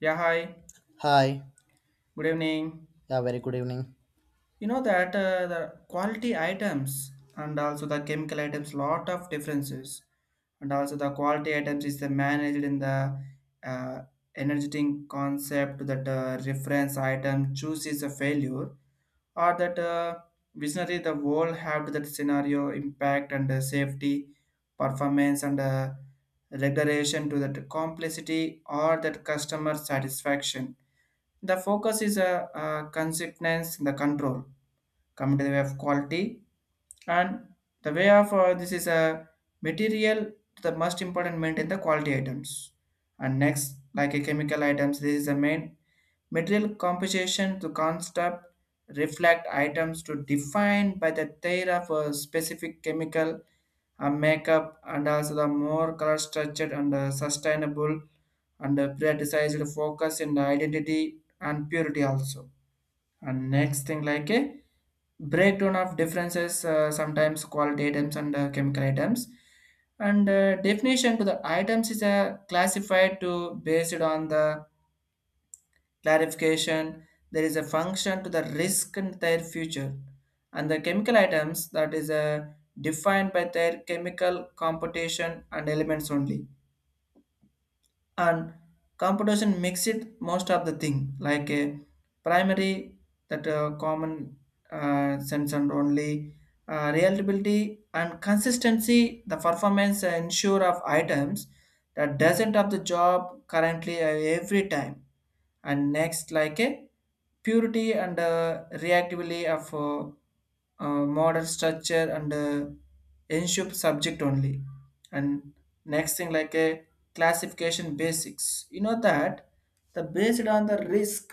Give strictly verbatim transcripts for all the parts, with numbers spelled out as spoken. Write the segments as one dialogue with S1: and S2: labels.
S1: Yeah, hi.
S2: Hi,
S1: Good evening.
S2: yeah, very good evening.
S1: You know that uh, the quality items and also the chemical items, lot of differences, and also the quality items is the managed in the uh, energetic concept that uh, reference item chooses a failure or that uh, visionary the world have that scenario impact and uh, safety performance and uh, regulation to that complexity or that customer satisfaction the focus is a, uh uh, consistence in the control come to the way of quality and the way of uh, this is a material the most important maintain the quality items and next like a chemical items this is the main material composition to concept reflect items to define by the theory of a specific chemical a makeup and also the more color structured and uh, sustainable and uh, prioritized focus in the identity and purity also and next thing like a breakdown of differences, uh, sometimes quality items and uh, chemical items. And uh, definition to the items is uh, classified to based on the clarification. There is a function to the risk and their future. And the chemical items that is uh, defined by their chemical computation and elements only and competition makes it most of the thing like a primary that uh, common uh, sense and only uh, reliability and consistency the performance ensure of items that doesn't of the job currently uh, every time and next like a purity and uh, reactively of uh, uh, modern structure and uh, ensure subject only and next thing like a classification basics you know that the based on the risk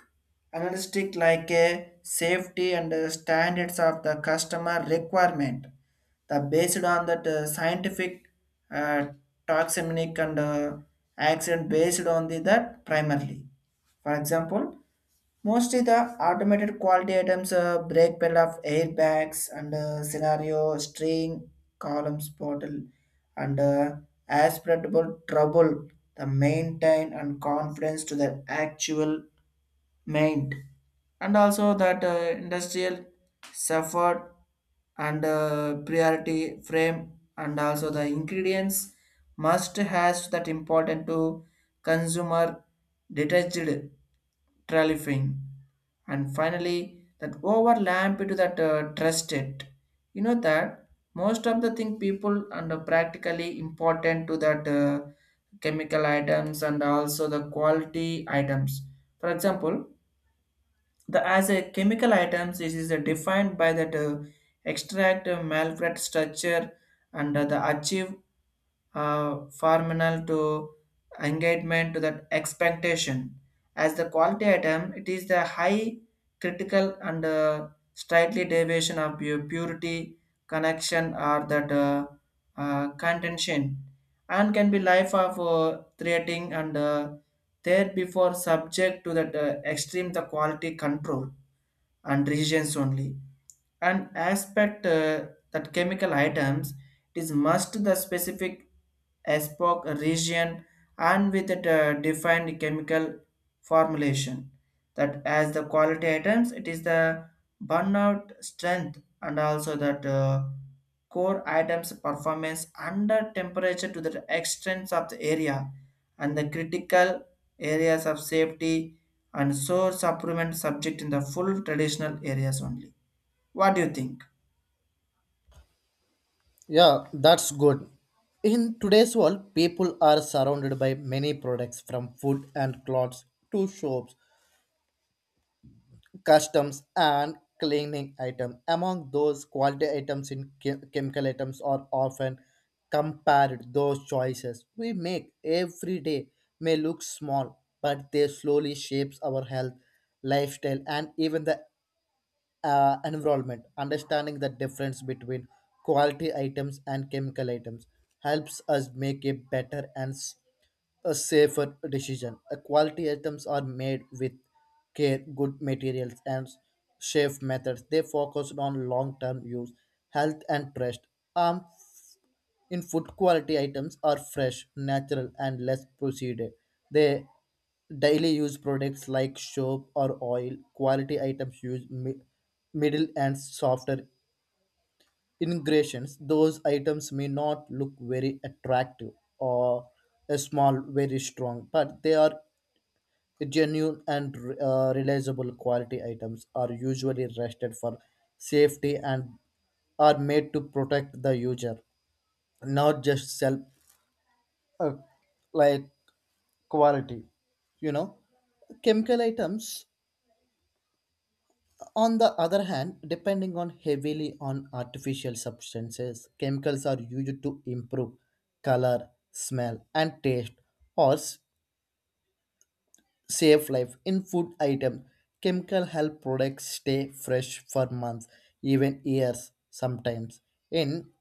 S1: analytic like a safety and uh, standards of the customer requirement the based on that uh, scientific uh, toxemic and uh, accident based on the that primarily for example, mostly the automated quality items, uh, brake pedal of airbags and uh, scenario, string, columns, bottle, and uh, aspirable trouble, the maintain and confidence to the actual meant and also that uh, industrial suffered and uh, priority frame and also the ingredients must has that important to consumer detached trelifing and finally that overlap into that uh, trusted you know that most of the thing people and are practically important to that uh, chemical items and also the quality items for example the as a chemical items, it is uh, defined by that uh, extract uh, malvert structure and uh, the achieve uh, formal to engagement to that expectation. As the quality item, it is the high critical and uh, slightly deviation of your purity, connection, or that uh, uh, contention, and can be life of uh, creating and uh, there before subject to that uh, extreme the quality control and regions only an aspect uh, that chemical items it is must the specific aspect region and with it uh, defined chemical formulation that as the quality items it is the burnout strength and also that uh, core items performance under temperature to the extents of the area and the critical areas of safety and source improvement subject in the full traditional areas only, what do you think?
S2: Yeah, that's good. In today's world, people are surrounded by many products from food and clothes to soaps, customs, and cleaning items. Among those, quality items in chem- chemical items are often compared. Those choices we make every day may look small, but they slowly shapes our health, lifestyle, and even the uh, environment. Understanding the difference between quality items and chemical items helps us make a better and s- a safer decision. Uh, quality items are made with care, good materials, and s- safe methods. They focus on long term use, health, and trust. Um, in food, quality items are fresh, natural and less processed. They daily use products like soap or oil. Quality items use mi- middle and softer ingredients. Those items may not look very attractive or a small very strong, but they are genuine and uh, realizable. Quality items are usually rested for safety and are made to protect the user, not just sell. Uh, like quality you know Chemical items, on the other hand, depending on heavily on artificial substances. Chemicals are used to improve color, smell and taste or s- save life in food items. Chemical help products stay fresh for months, even years sometimes. In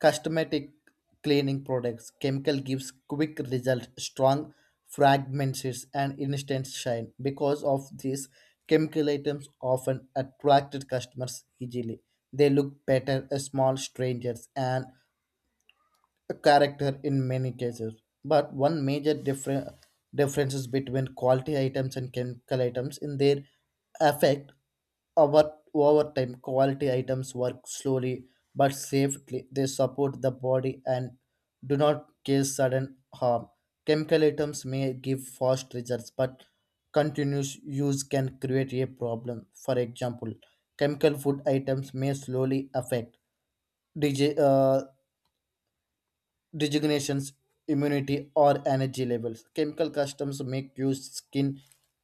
S2: cosmetic cleaning products, chemical gives quick results, strong fragrances, and instant shine. Because of this, chemical items often attracted customers easily. They look better as small strangers and a character in many cases. But one major difference, differences between quality items and chemical items in their effect over over time. Quality items work slowly but safely. They support the body and do not cause sudden harm. Chemical items may give fast results, but continuous use can create a problem. For example, chemical food items may slowly affect dig- uh, designations, immunity, or energy levels. Chemical customs make use skin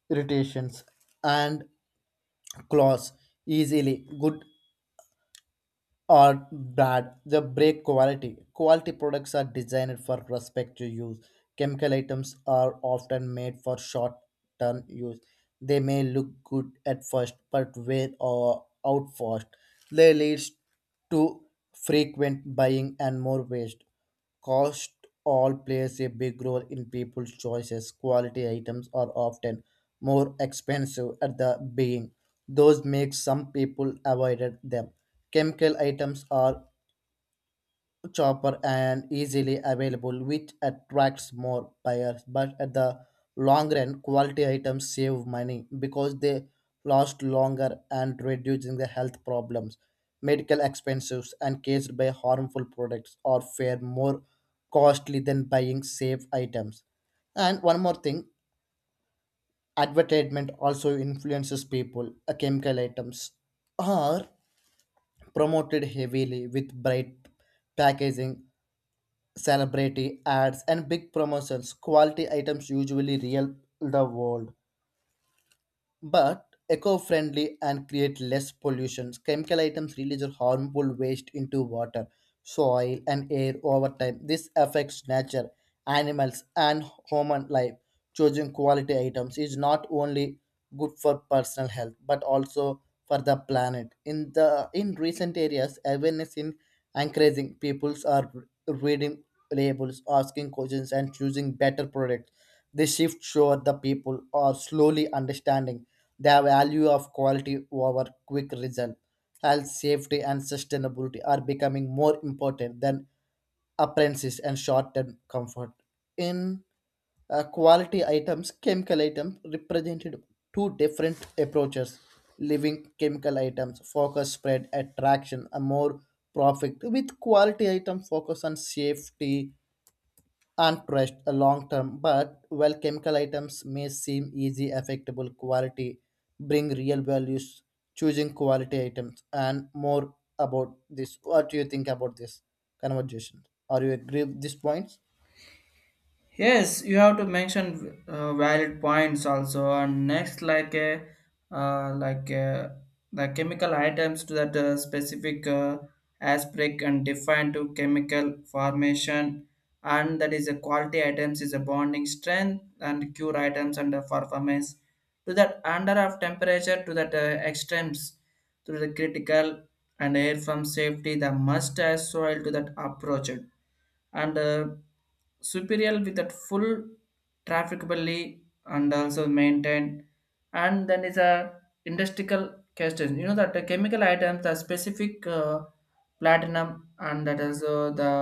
S2: irritations and claws easily, good or bad. The break quality. Quality products are designed for prospective use. Chemical items are often made for short term use. They may look good at first, but wear or out fast. They leads to frequent buying and more waste. Cost all plays a big role in people's choices. Quality items are often more expensive at the beginning. Those make some people avoid them. Chemical items are cheaper and easily available, which attracts more buyers. But at the long run, quality items save money because they last longer and reducing the health problems, medical expenses, and caused by harmful products are far more costly than buying safe items. And one more thing, advertisement also influences people. Uh, Chemical items are promoted heavily with bright packaging, celebrity ads and big promotions. Quality items usually real the world but eco-friendly and create less pollution. Chemical items release harmful waste into water, soil, and air over time. This affects nature, animals, and human life. Choosing quality items is not only good for personal health but also for the planet. In the in recent areas, awareness in encouraging peoples are reading labels, asking questions, and choosing better products. This shift shows the people are slowly understanding the value of quality over quick result. Health, safety, and sustainability are becoming more important than appearances and short-term comfort. In uh, Quality items, chemical items represented two different approaches. Living chemical items focus spread attraction and more profit, with quality item focus on safety and trust a long term, but while chemical items may seem easy affectable, quality bring real values. Choosing quality items and more about this, what do you think about this conversation? Are you agree with these points?
S1: Yes, you have to mention uh, valid points also. And next, like a uh, like uh the chemical items to that uh, specific uh, aspect and defined to chemical formation, and that is a quality items is a bonding strength and cure items and the performance to that under of temperature to that uh, extremes to the critical and air from safety the must as soil to that approach it. And uh, superior with that full trafficably and also maintained and then is a industrial question you know that the chemical items the specific uh, platinum and that is uh, the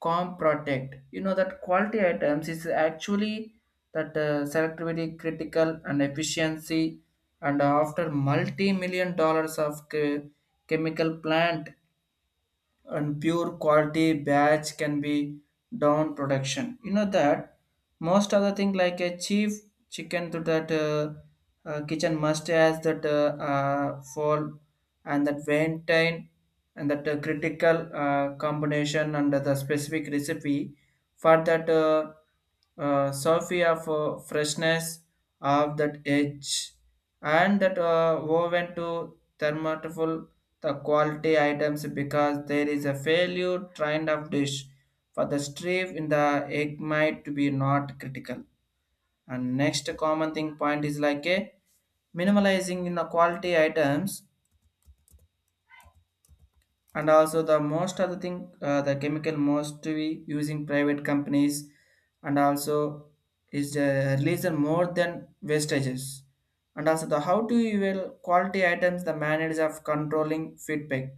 S1: com protect you know that quality items is actually that uh, selectivity critical and efficiency and after multi-million dollars of che- chemical plant and pure quality batch can be down production you know that most other thing like a cheap chicken to that uh, uh, kitchen must has that uh, uh, fall and that maintain and that uh, critical uh, combination under the specific recipe for that uh, uh, Sophie of uh, freshness of that edge and that uh, woven to thermotable the quality items because there is a failure trend of dish for the strip in the egg might to be not critical and next common thing point is like a minimalizing in the quality items and also the most of the thing uh, the chemical most to be using private companies and also is the released more than wastages and also the how to you will quality items the manage of controlling feedback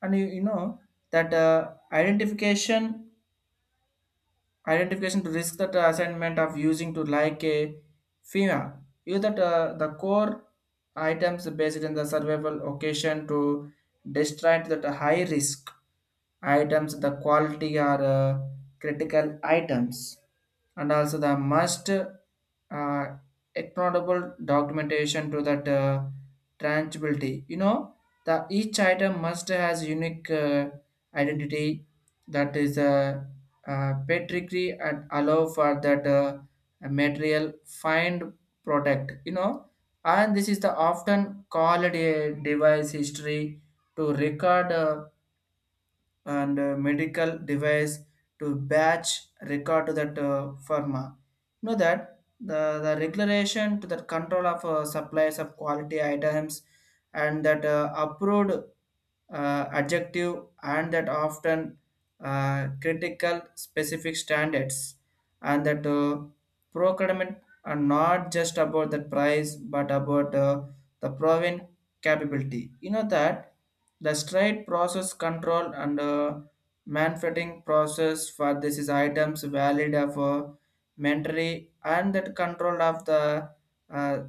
S1: and you, you know that uh, identification identification to risk that uh, assignment of using to like a FEMA. Use that uh, the core items based on the survival occasion to distract that high risk items, the quality are uh, critical items, and also the must uh, accountable documentation to that uh, tangibility. You know, the each item must has unique uh, identity that is uh, uh, pedigree and allow for that uh, material find product, you know and this is the often called a device history to record uh, and uh, medical device to batch record to that uh, pharma. You know that the, the regulation to the control of uh, supplies of quality items and that uh, approved uh, adjective and that often uh, critical specific standards and that uh, procurement are not just about the price but about uh, the proven capability. You know that the straight process control and uh, manufacturing process for this is items valid of uh, mentally and that control of the uh,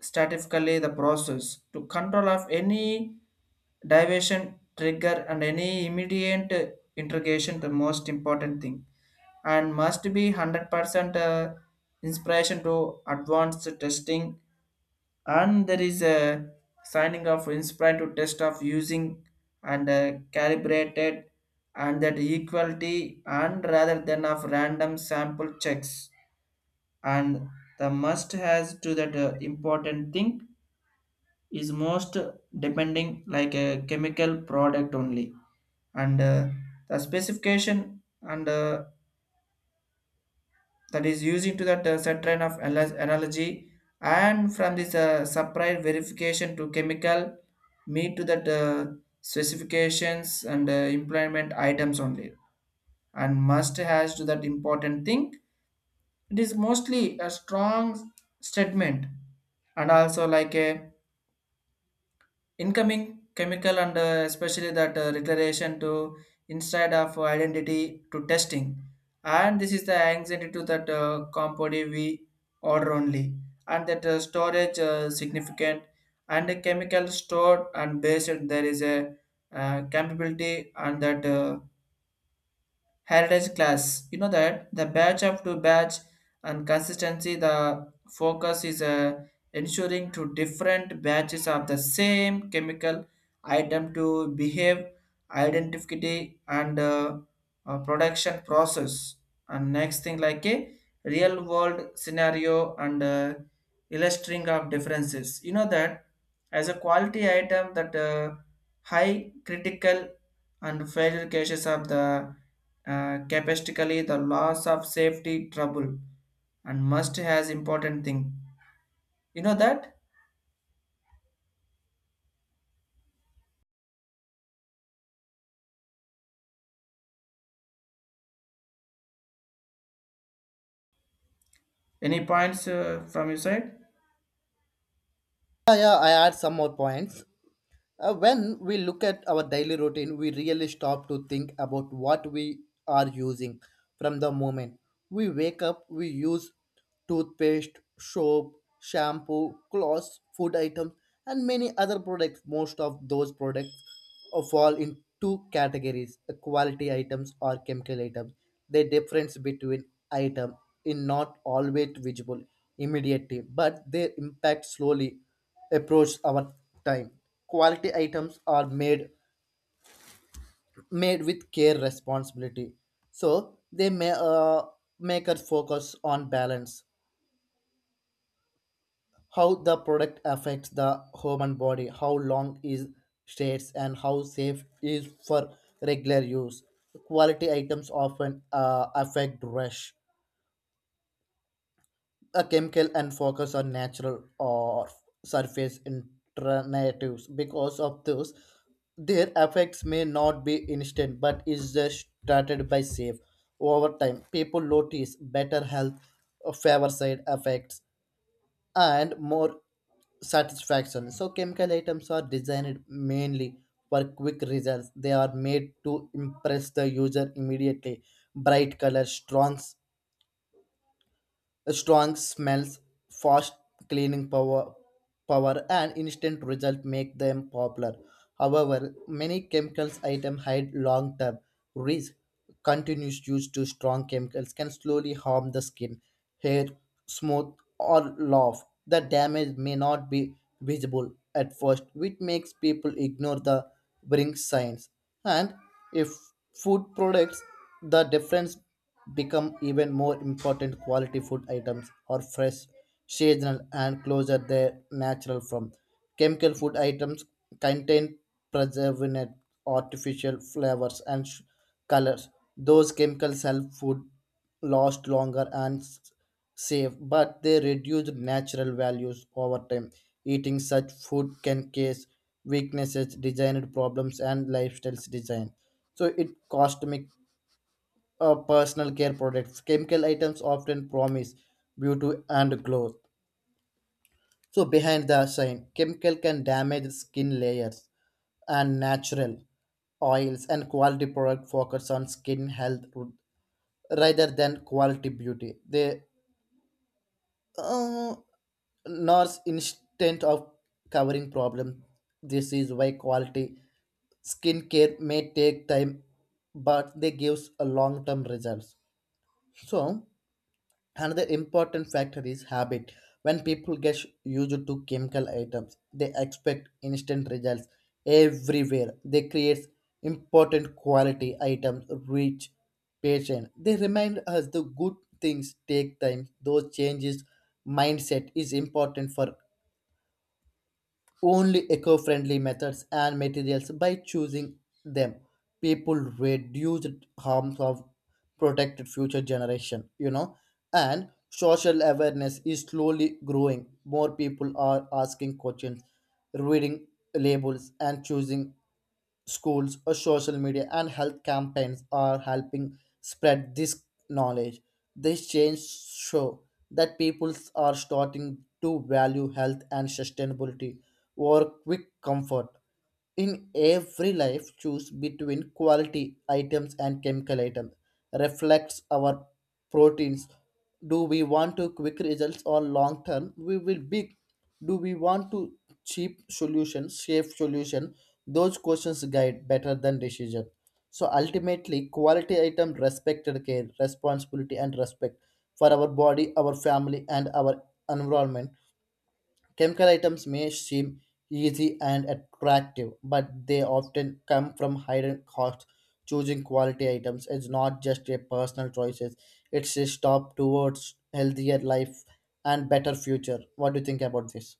S1: statistically the process to control of any diversion trigger and any immediate integration the most important thing and must be one hundred percent uh, inspiration to advanced testing and there is a signing of inspired to test of using and uh, calibrated and that equality and rather than of random sample checks and the must has to that uh, important thing is most depending like a chemical product only and uh, the specification and uh, that is using to that uh, set train of anal- analogy and from this uh, supply verification to chemical meet to that uh, specifications and uh, employment items only and must has to that important thing it is mostly a strong statement and also like a incoming chemical and uh, especially that uh, declaration to inside of identity to testing and this is the anxiety to that uh, compound we order only and that uh, storage uh, significant and the chemical stored and based there is a uh, capability and that uh, heritage class. You know that the batch up to batch and consistency, the focus is uh, ensuring to different batches of the same chemical item to behave, identity, and uh, uh, production process. And next thing like a real world scenario and uh, illustrating of differences. You know that as a quality item that uh, high critical and failure cases of the uh, capacity, the loss of safety trouble, and must has important thing. You know that? Any points uh, from your side?
S2: Yeah yeah I add some more points. Uh, when we look at our daily routine, we really stop to think about what we are using from the moment we wake up. We use toothpaste, soap, shampoo, clothes, food items, and many other products. Most of those products uh, fall in two categories: uh, quality items or chemical items. The difference between item is not always visible immediately, but their impact slowly approach our time. Quality items are made made with care, responsibility, so they may uh, make us focus on balance. How the product affects the human body, how long is stays, and how safe is for regular use. Quality items often uh, affect rush a chemical and focus on natural or surface alternatives. Because of those, their effects may not be instant but is just started by safe. Over time, people notice better health, uh, favor side effects, and more satisfaction. So chemical items are designed mainly for quick results. They are made to impress the user immediately. Bright colors, strong strong smells, fast cleaning power, power and instant result make them popular. However, many chemicals items hide long-term risk. Continuous use to strong chemicals can slowly harm the skin, hair, smooth or laugh. The damage may not be visible at first, which makes people ignore the warning signs. And if food products, the difference become even more important. Quality food items are fresh, seasonal and closer their natural from. Chemical food items contain preservatives, artificial flavors and sh- colors. Those chemicals help food last longer and s- safe, but they reduce natural values over time. Eating such food can cause weaknesses, designed problems and lifestyles design. So it cosmic, uh, personal care products. Chemical items often promise beauty and growth. So behind the shine, chemical can damage skin layers and natural oils. And quality product focus on skin health ru- rather than quality beauty. They uh, nurse instant of covering problem. This is why quality skincare may take time, but they gives a long term results. So another important factor is habit. When people get used to chemical items, they expect instant results everywhere. They create important. Quality items reach patient. They remind us the good things take time. Those changes mindset is important for only eco-friendly methods and materials. By choosing them, people reduce harms of protected future generation, you know. And social awareness is slowly growing. More people are asking questions, reading labels and choosing schools, or social media and health campaigns are helping spread this knowledge. These changes show that people are starting to value health and sustainability over quick comfort. In every life, choose between quality items and chemical items. Reflects our proteins. Do we want to quick results or long term? We will be do we want to cheap solutions, safe solution? Those questions guide better than decision. So ultimately, quality item respected care, responsibility and respect for our body, our family and our environment. Chemical items may seem easy and attractive, but they often come from higher costs. Choosing quality items is not just a personal choices; it's a stop towards healthier life and better future. What do you think about this?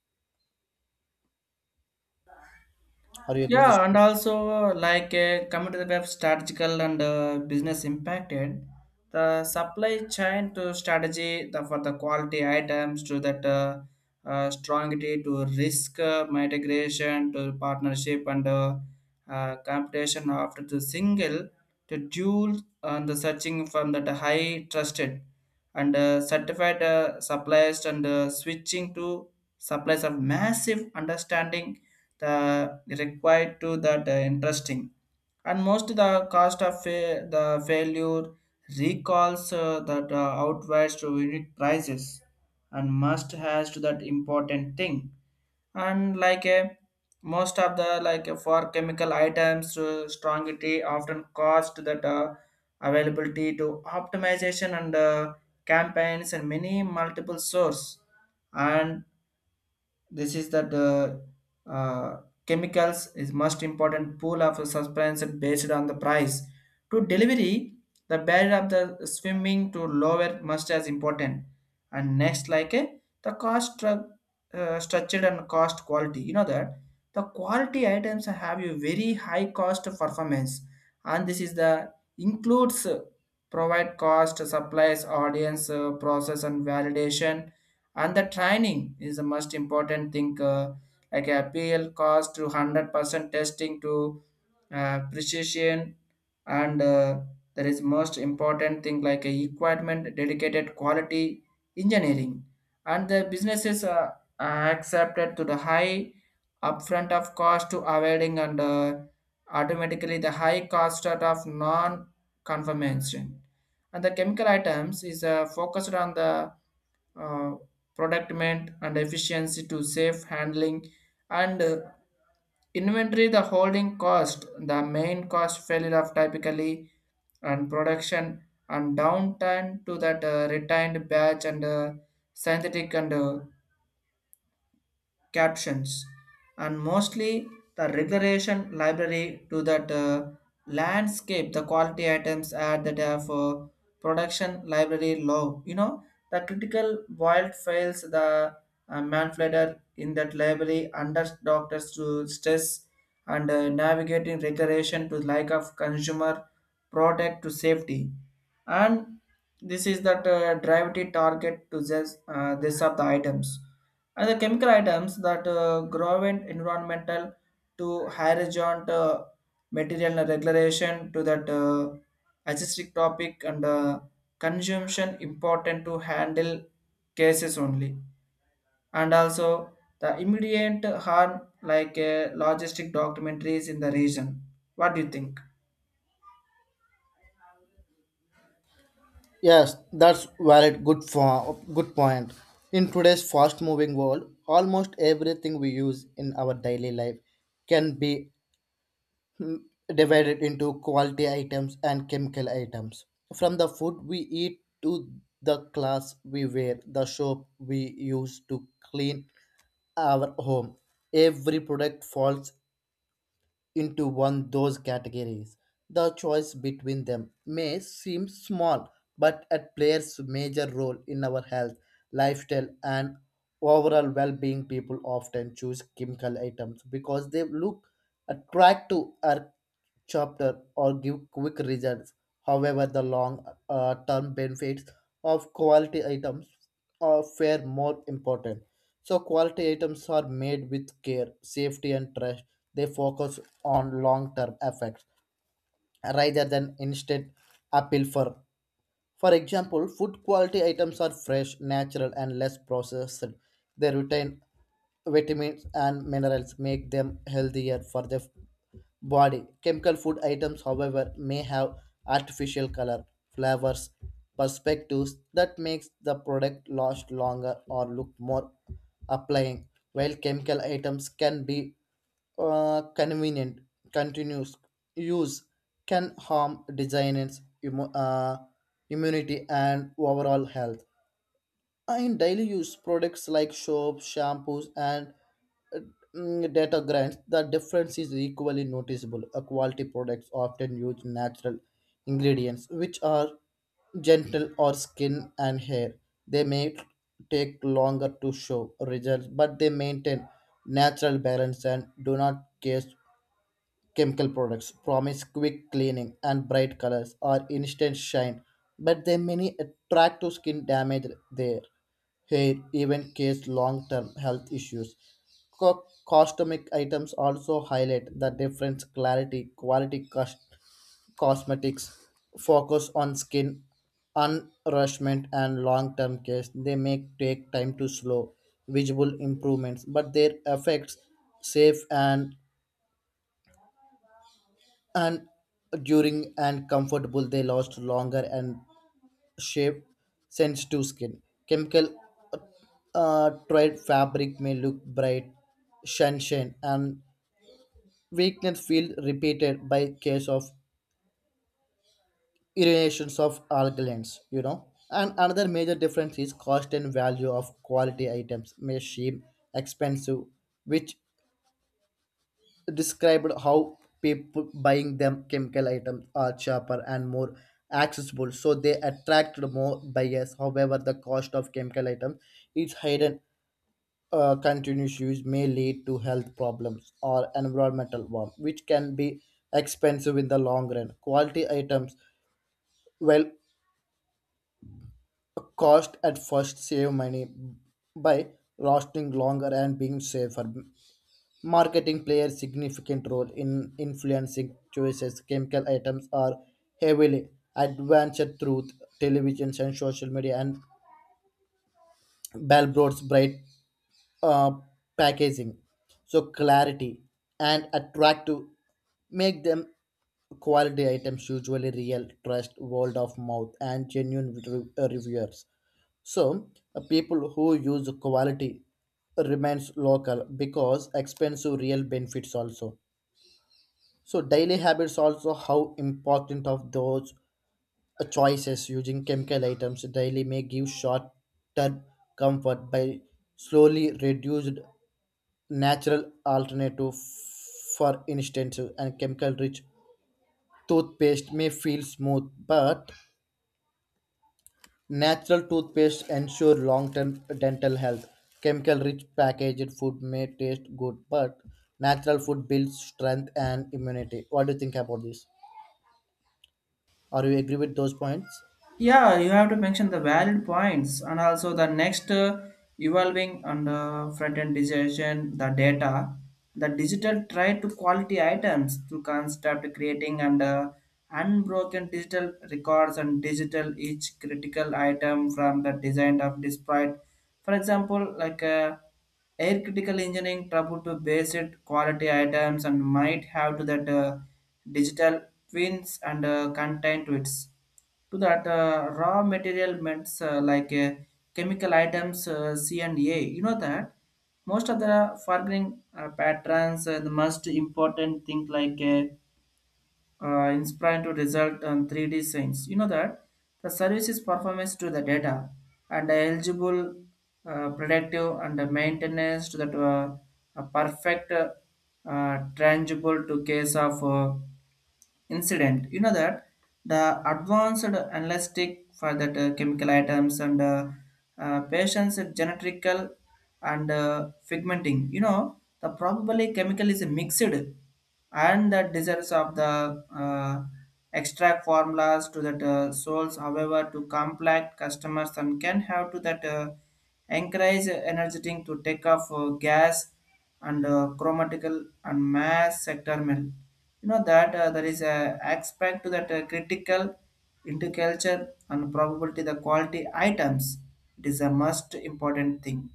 S2: Are you agree this
S1: Yeah, and
S2: too?
S1: also like uh, coming to the web strategical and uh, business impacted the supply chain to strategy the, for the quality items to that uh, uh, strongity to risk uh, mitigation to partnership and uh, uh, competition after the single to dual and the searching from that high trusted and uh, certified uh, suppliers and uh, switching to supplies of massive understanding the required to that uh, interesting and most the cost of fa- the failure recalls uh, that uh, outweighs to unit prices and must has to that important thing and like a most of the like uh, for chemical items uh, strongity often cost that uh, availability to optimization and uh, campaigns and many multiple source and this is that uh, uh, chemicals is most important pool of substance based on the price to delivery the barrier of the swimming to lower must as important and next like uh, the cost stru- uh, structured and cost quality you know that the quality items have a very high cost of performance and this is the includes uh, provide cost supplies audience uh, process and validation and the training is the most important thing uh, like a pl cost to one hundred percent testing to uh, precision and uh, there is most important thing like a equipment dedicated quality engineering and the businesses are, are accepted to the high upfront of cost to avoiding and uh, automatically the high cost out of non conformation and the chemical items is uh, focused on the uh, productment and efficiency to safe handling and uh, inventory the holding cost the main cost failure of typically and production and downtime to that uh, retained batch and uh, synthetic and uh, captions, and mostly the regulation library to that uh, landscape, the quality items at that uh, for production library low. You know, the critical wild files, the uh, manipulator in that library under doctors to stress and uh, navigating regulation to like of consumer product to safety and this is that uh, gravity target to this uh, this of the items and the chemical items that uh, grow in environmental to horizontal uh, material regulation to that uh, logistic topic and uh, consumption important to handle cases only. And also the immediate harm like uh, logistic documentaries in the region. What do you think?
S2: Yes, that's valid. Good for good point. In today's fast-moving world, almost everything we use in our daily life can be divided into quality items and chemical items. From the food we eat to the clothes we wear, the soap we use to clean our home, every product falls into one those categories. The choice between them may seem small, but it plays major role in our health, lifestyle, and overall well-being. People often choose chemical items because they look attractive or chapter or give quick results. However, the long uh, term benefits of quality items are far more important. So, quality items are made with care, safety, and trust. They focus on long term effects rather than instant appeal for. For example, food quality items are fresh, natural, and less processed. They retain vitamins and minerals, make them healthier for the body. Chemical food items, however, may have artificial color, flavors, perspectives that makes the product last longer or look more applying. While chemical items can be uh, convenient, continuous use can harm designers, immu- uh, immunity, and overall health. In daily use products like soaps, shampoos, and uh, mm, detergents, the difference is equally noticeable. A quality products often use natural ingredients, which are gentle or skin and hair. They may take longer to show results, but they maintain natural balance and do not cause. Chemical products promise quick cleaning and bright colors or instant shine, but they many attract to skin damage, there hair, even cause long-term health issues. Co- Cosmetic items also highlight the difference clarity. Quality cos- cosmetics focus on skin unrushment and long-term care. They may take time to slow visible improvements, but their effects safe and and during and comfortable. They last longer and shape sense to skin chemical. Uh, tried fabric may look bright sunshine and weakness feel repeated by case of irritations of alkalines, you know. And another major difference is cost and value of quality items may seem expensive, which described how people buying them. Chemical items are cheaper and more accessible, so they attract more buyers. However, the cost of chemical items is hidden. Uh, continuous use may lead to health problems or environmental harm, which can be expensive in the long run. Quality items, well, cost at first save money by lasting longer and being safer. Marketing plays a significant role in influencing choices. Chemical items are heavily advanced through television and social media and Balbroad's bright uh, packaging. So clarity and attractive make them. Quality items usually real trust word of mouth and genuine re- uh, reviewers. So, uh, people who use quality remains local because expensive real benefits also. So daily habits also how important of those uh, choices. Using chemical items daily may give short-term comfort by slowly reduced natural alternative. For instance, and chemical-rich toothpaste may feel smooth but natural toothpaste ensure long-term dental health. Chemical-rich packaged food may taste good, but natural food builds strength and immunity. What do you think about this? Are you agree with those points?
S1: Yeah, you have to mention the valid points and also the next uh, evolving and uh, front end digitization, the data, the digital try to quality items to construct creating and uh, unbroken digital records and digital each critical item from the design of despite. For example, like uh, air critical engineering trouble to base it quality items and might have to that uh, digital twins and uh, content to it to that uh, raw material means uh, like uh, chemical items uh, c and a you know that most of the forgiving uh, patterns uh, the most important thing like uh, uh, inspiring to result on three d science you know that the services performance to the data and eligible uh, predictive and the maintenance to that uh, a perfect uh, uh, tangible to case of uh, incident. You know that the advanced analytic for that uh, chemical items and uh, uh, patients genetical and uh, figmenting. You know the probably chemical is mixed and the desires of the uh, extract formulas to that uh, souls however to complex customers and can have to that uh, encourage energetic to take off uh, gas and uh, chromatical and mass sector mill you know that uh, there is a aspect to that uh, critical into culture and probability the quality items it is a most important thing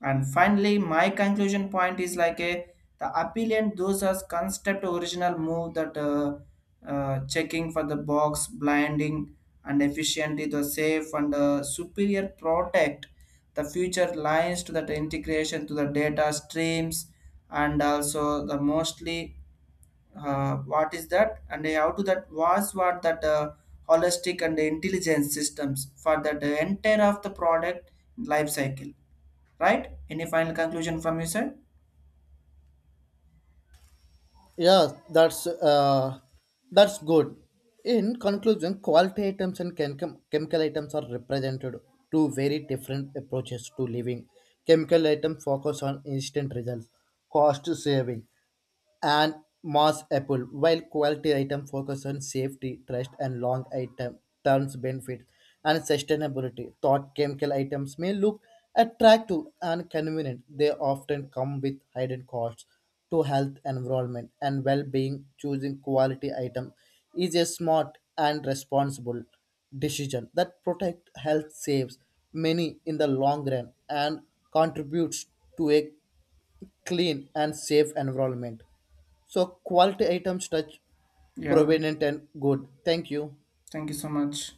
S1: and finally, my conclusion point is like a the appealant those as concept original move that uh, uh, checking for the box, blinding and efficiently the safe and uh, superior protect the future lines to that integration to the data streams and also the mostly uh, what is that and how to that was what that uh, holistic and intelligent systems for that uh, entire of the product life cycle. Right? Any final conclusion from you, sir?
S2: Yeah, that's uh, that's good. In conclusion, quality items and chem- chemical items are represented two very different approaches to living. Chemical items focus on instant results, cost saving, and Moss Apple, while quality item focus on safety, trust, and long item terms benefits and sustainability. Thought chemical items may look attractive and convenient. They often come with hidden costs to health, environment, and well-being. Choosing quality item is a smart and responsible decision that protect health, saves many in the long run and contributes to a clean and safe environment. So quality items touch
S1: Yeah,
S2: provenient and good. Thank you.
S1: thank you so much.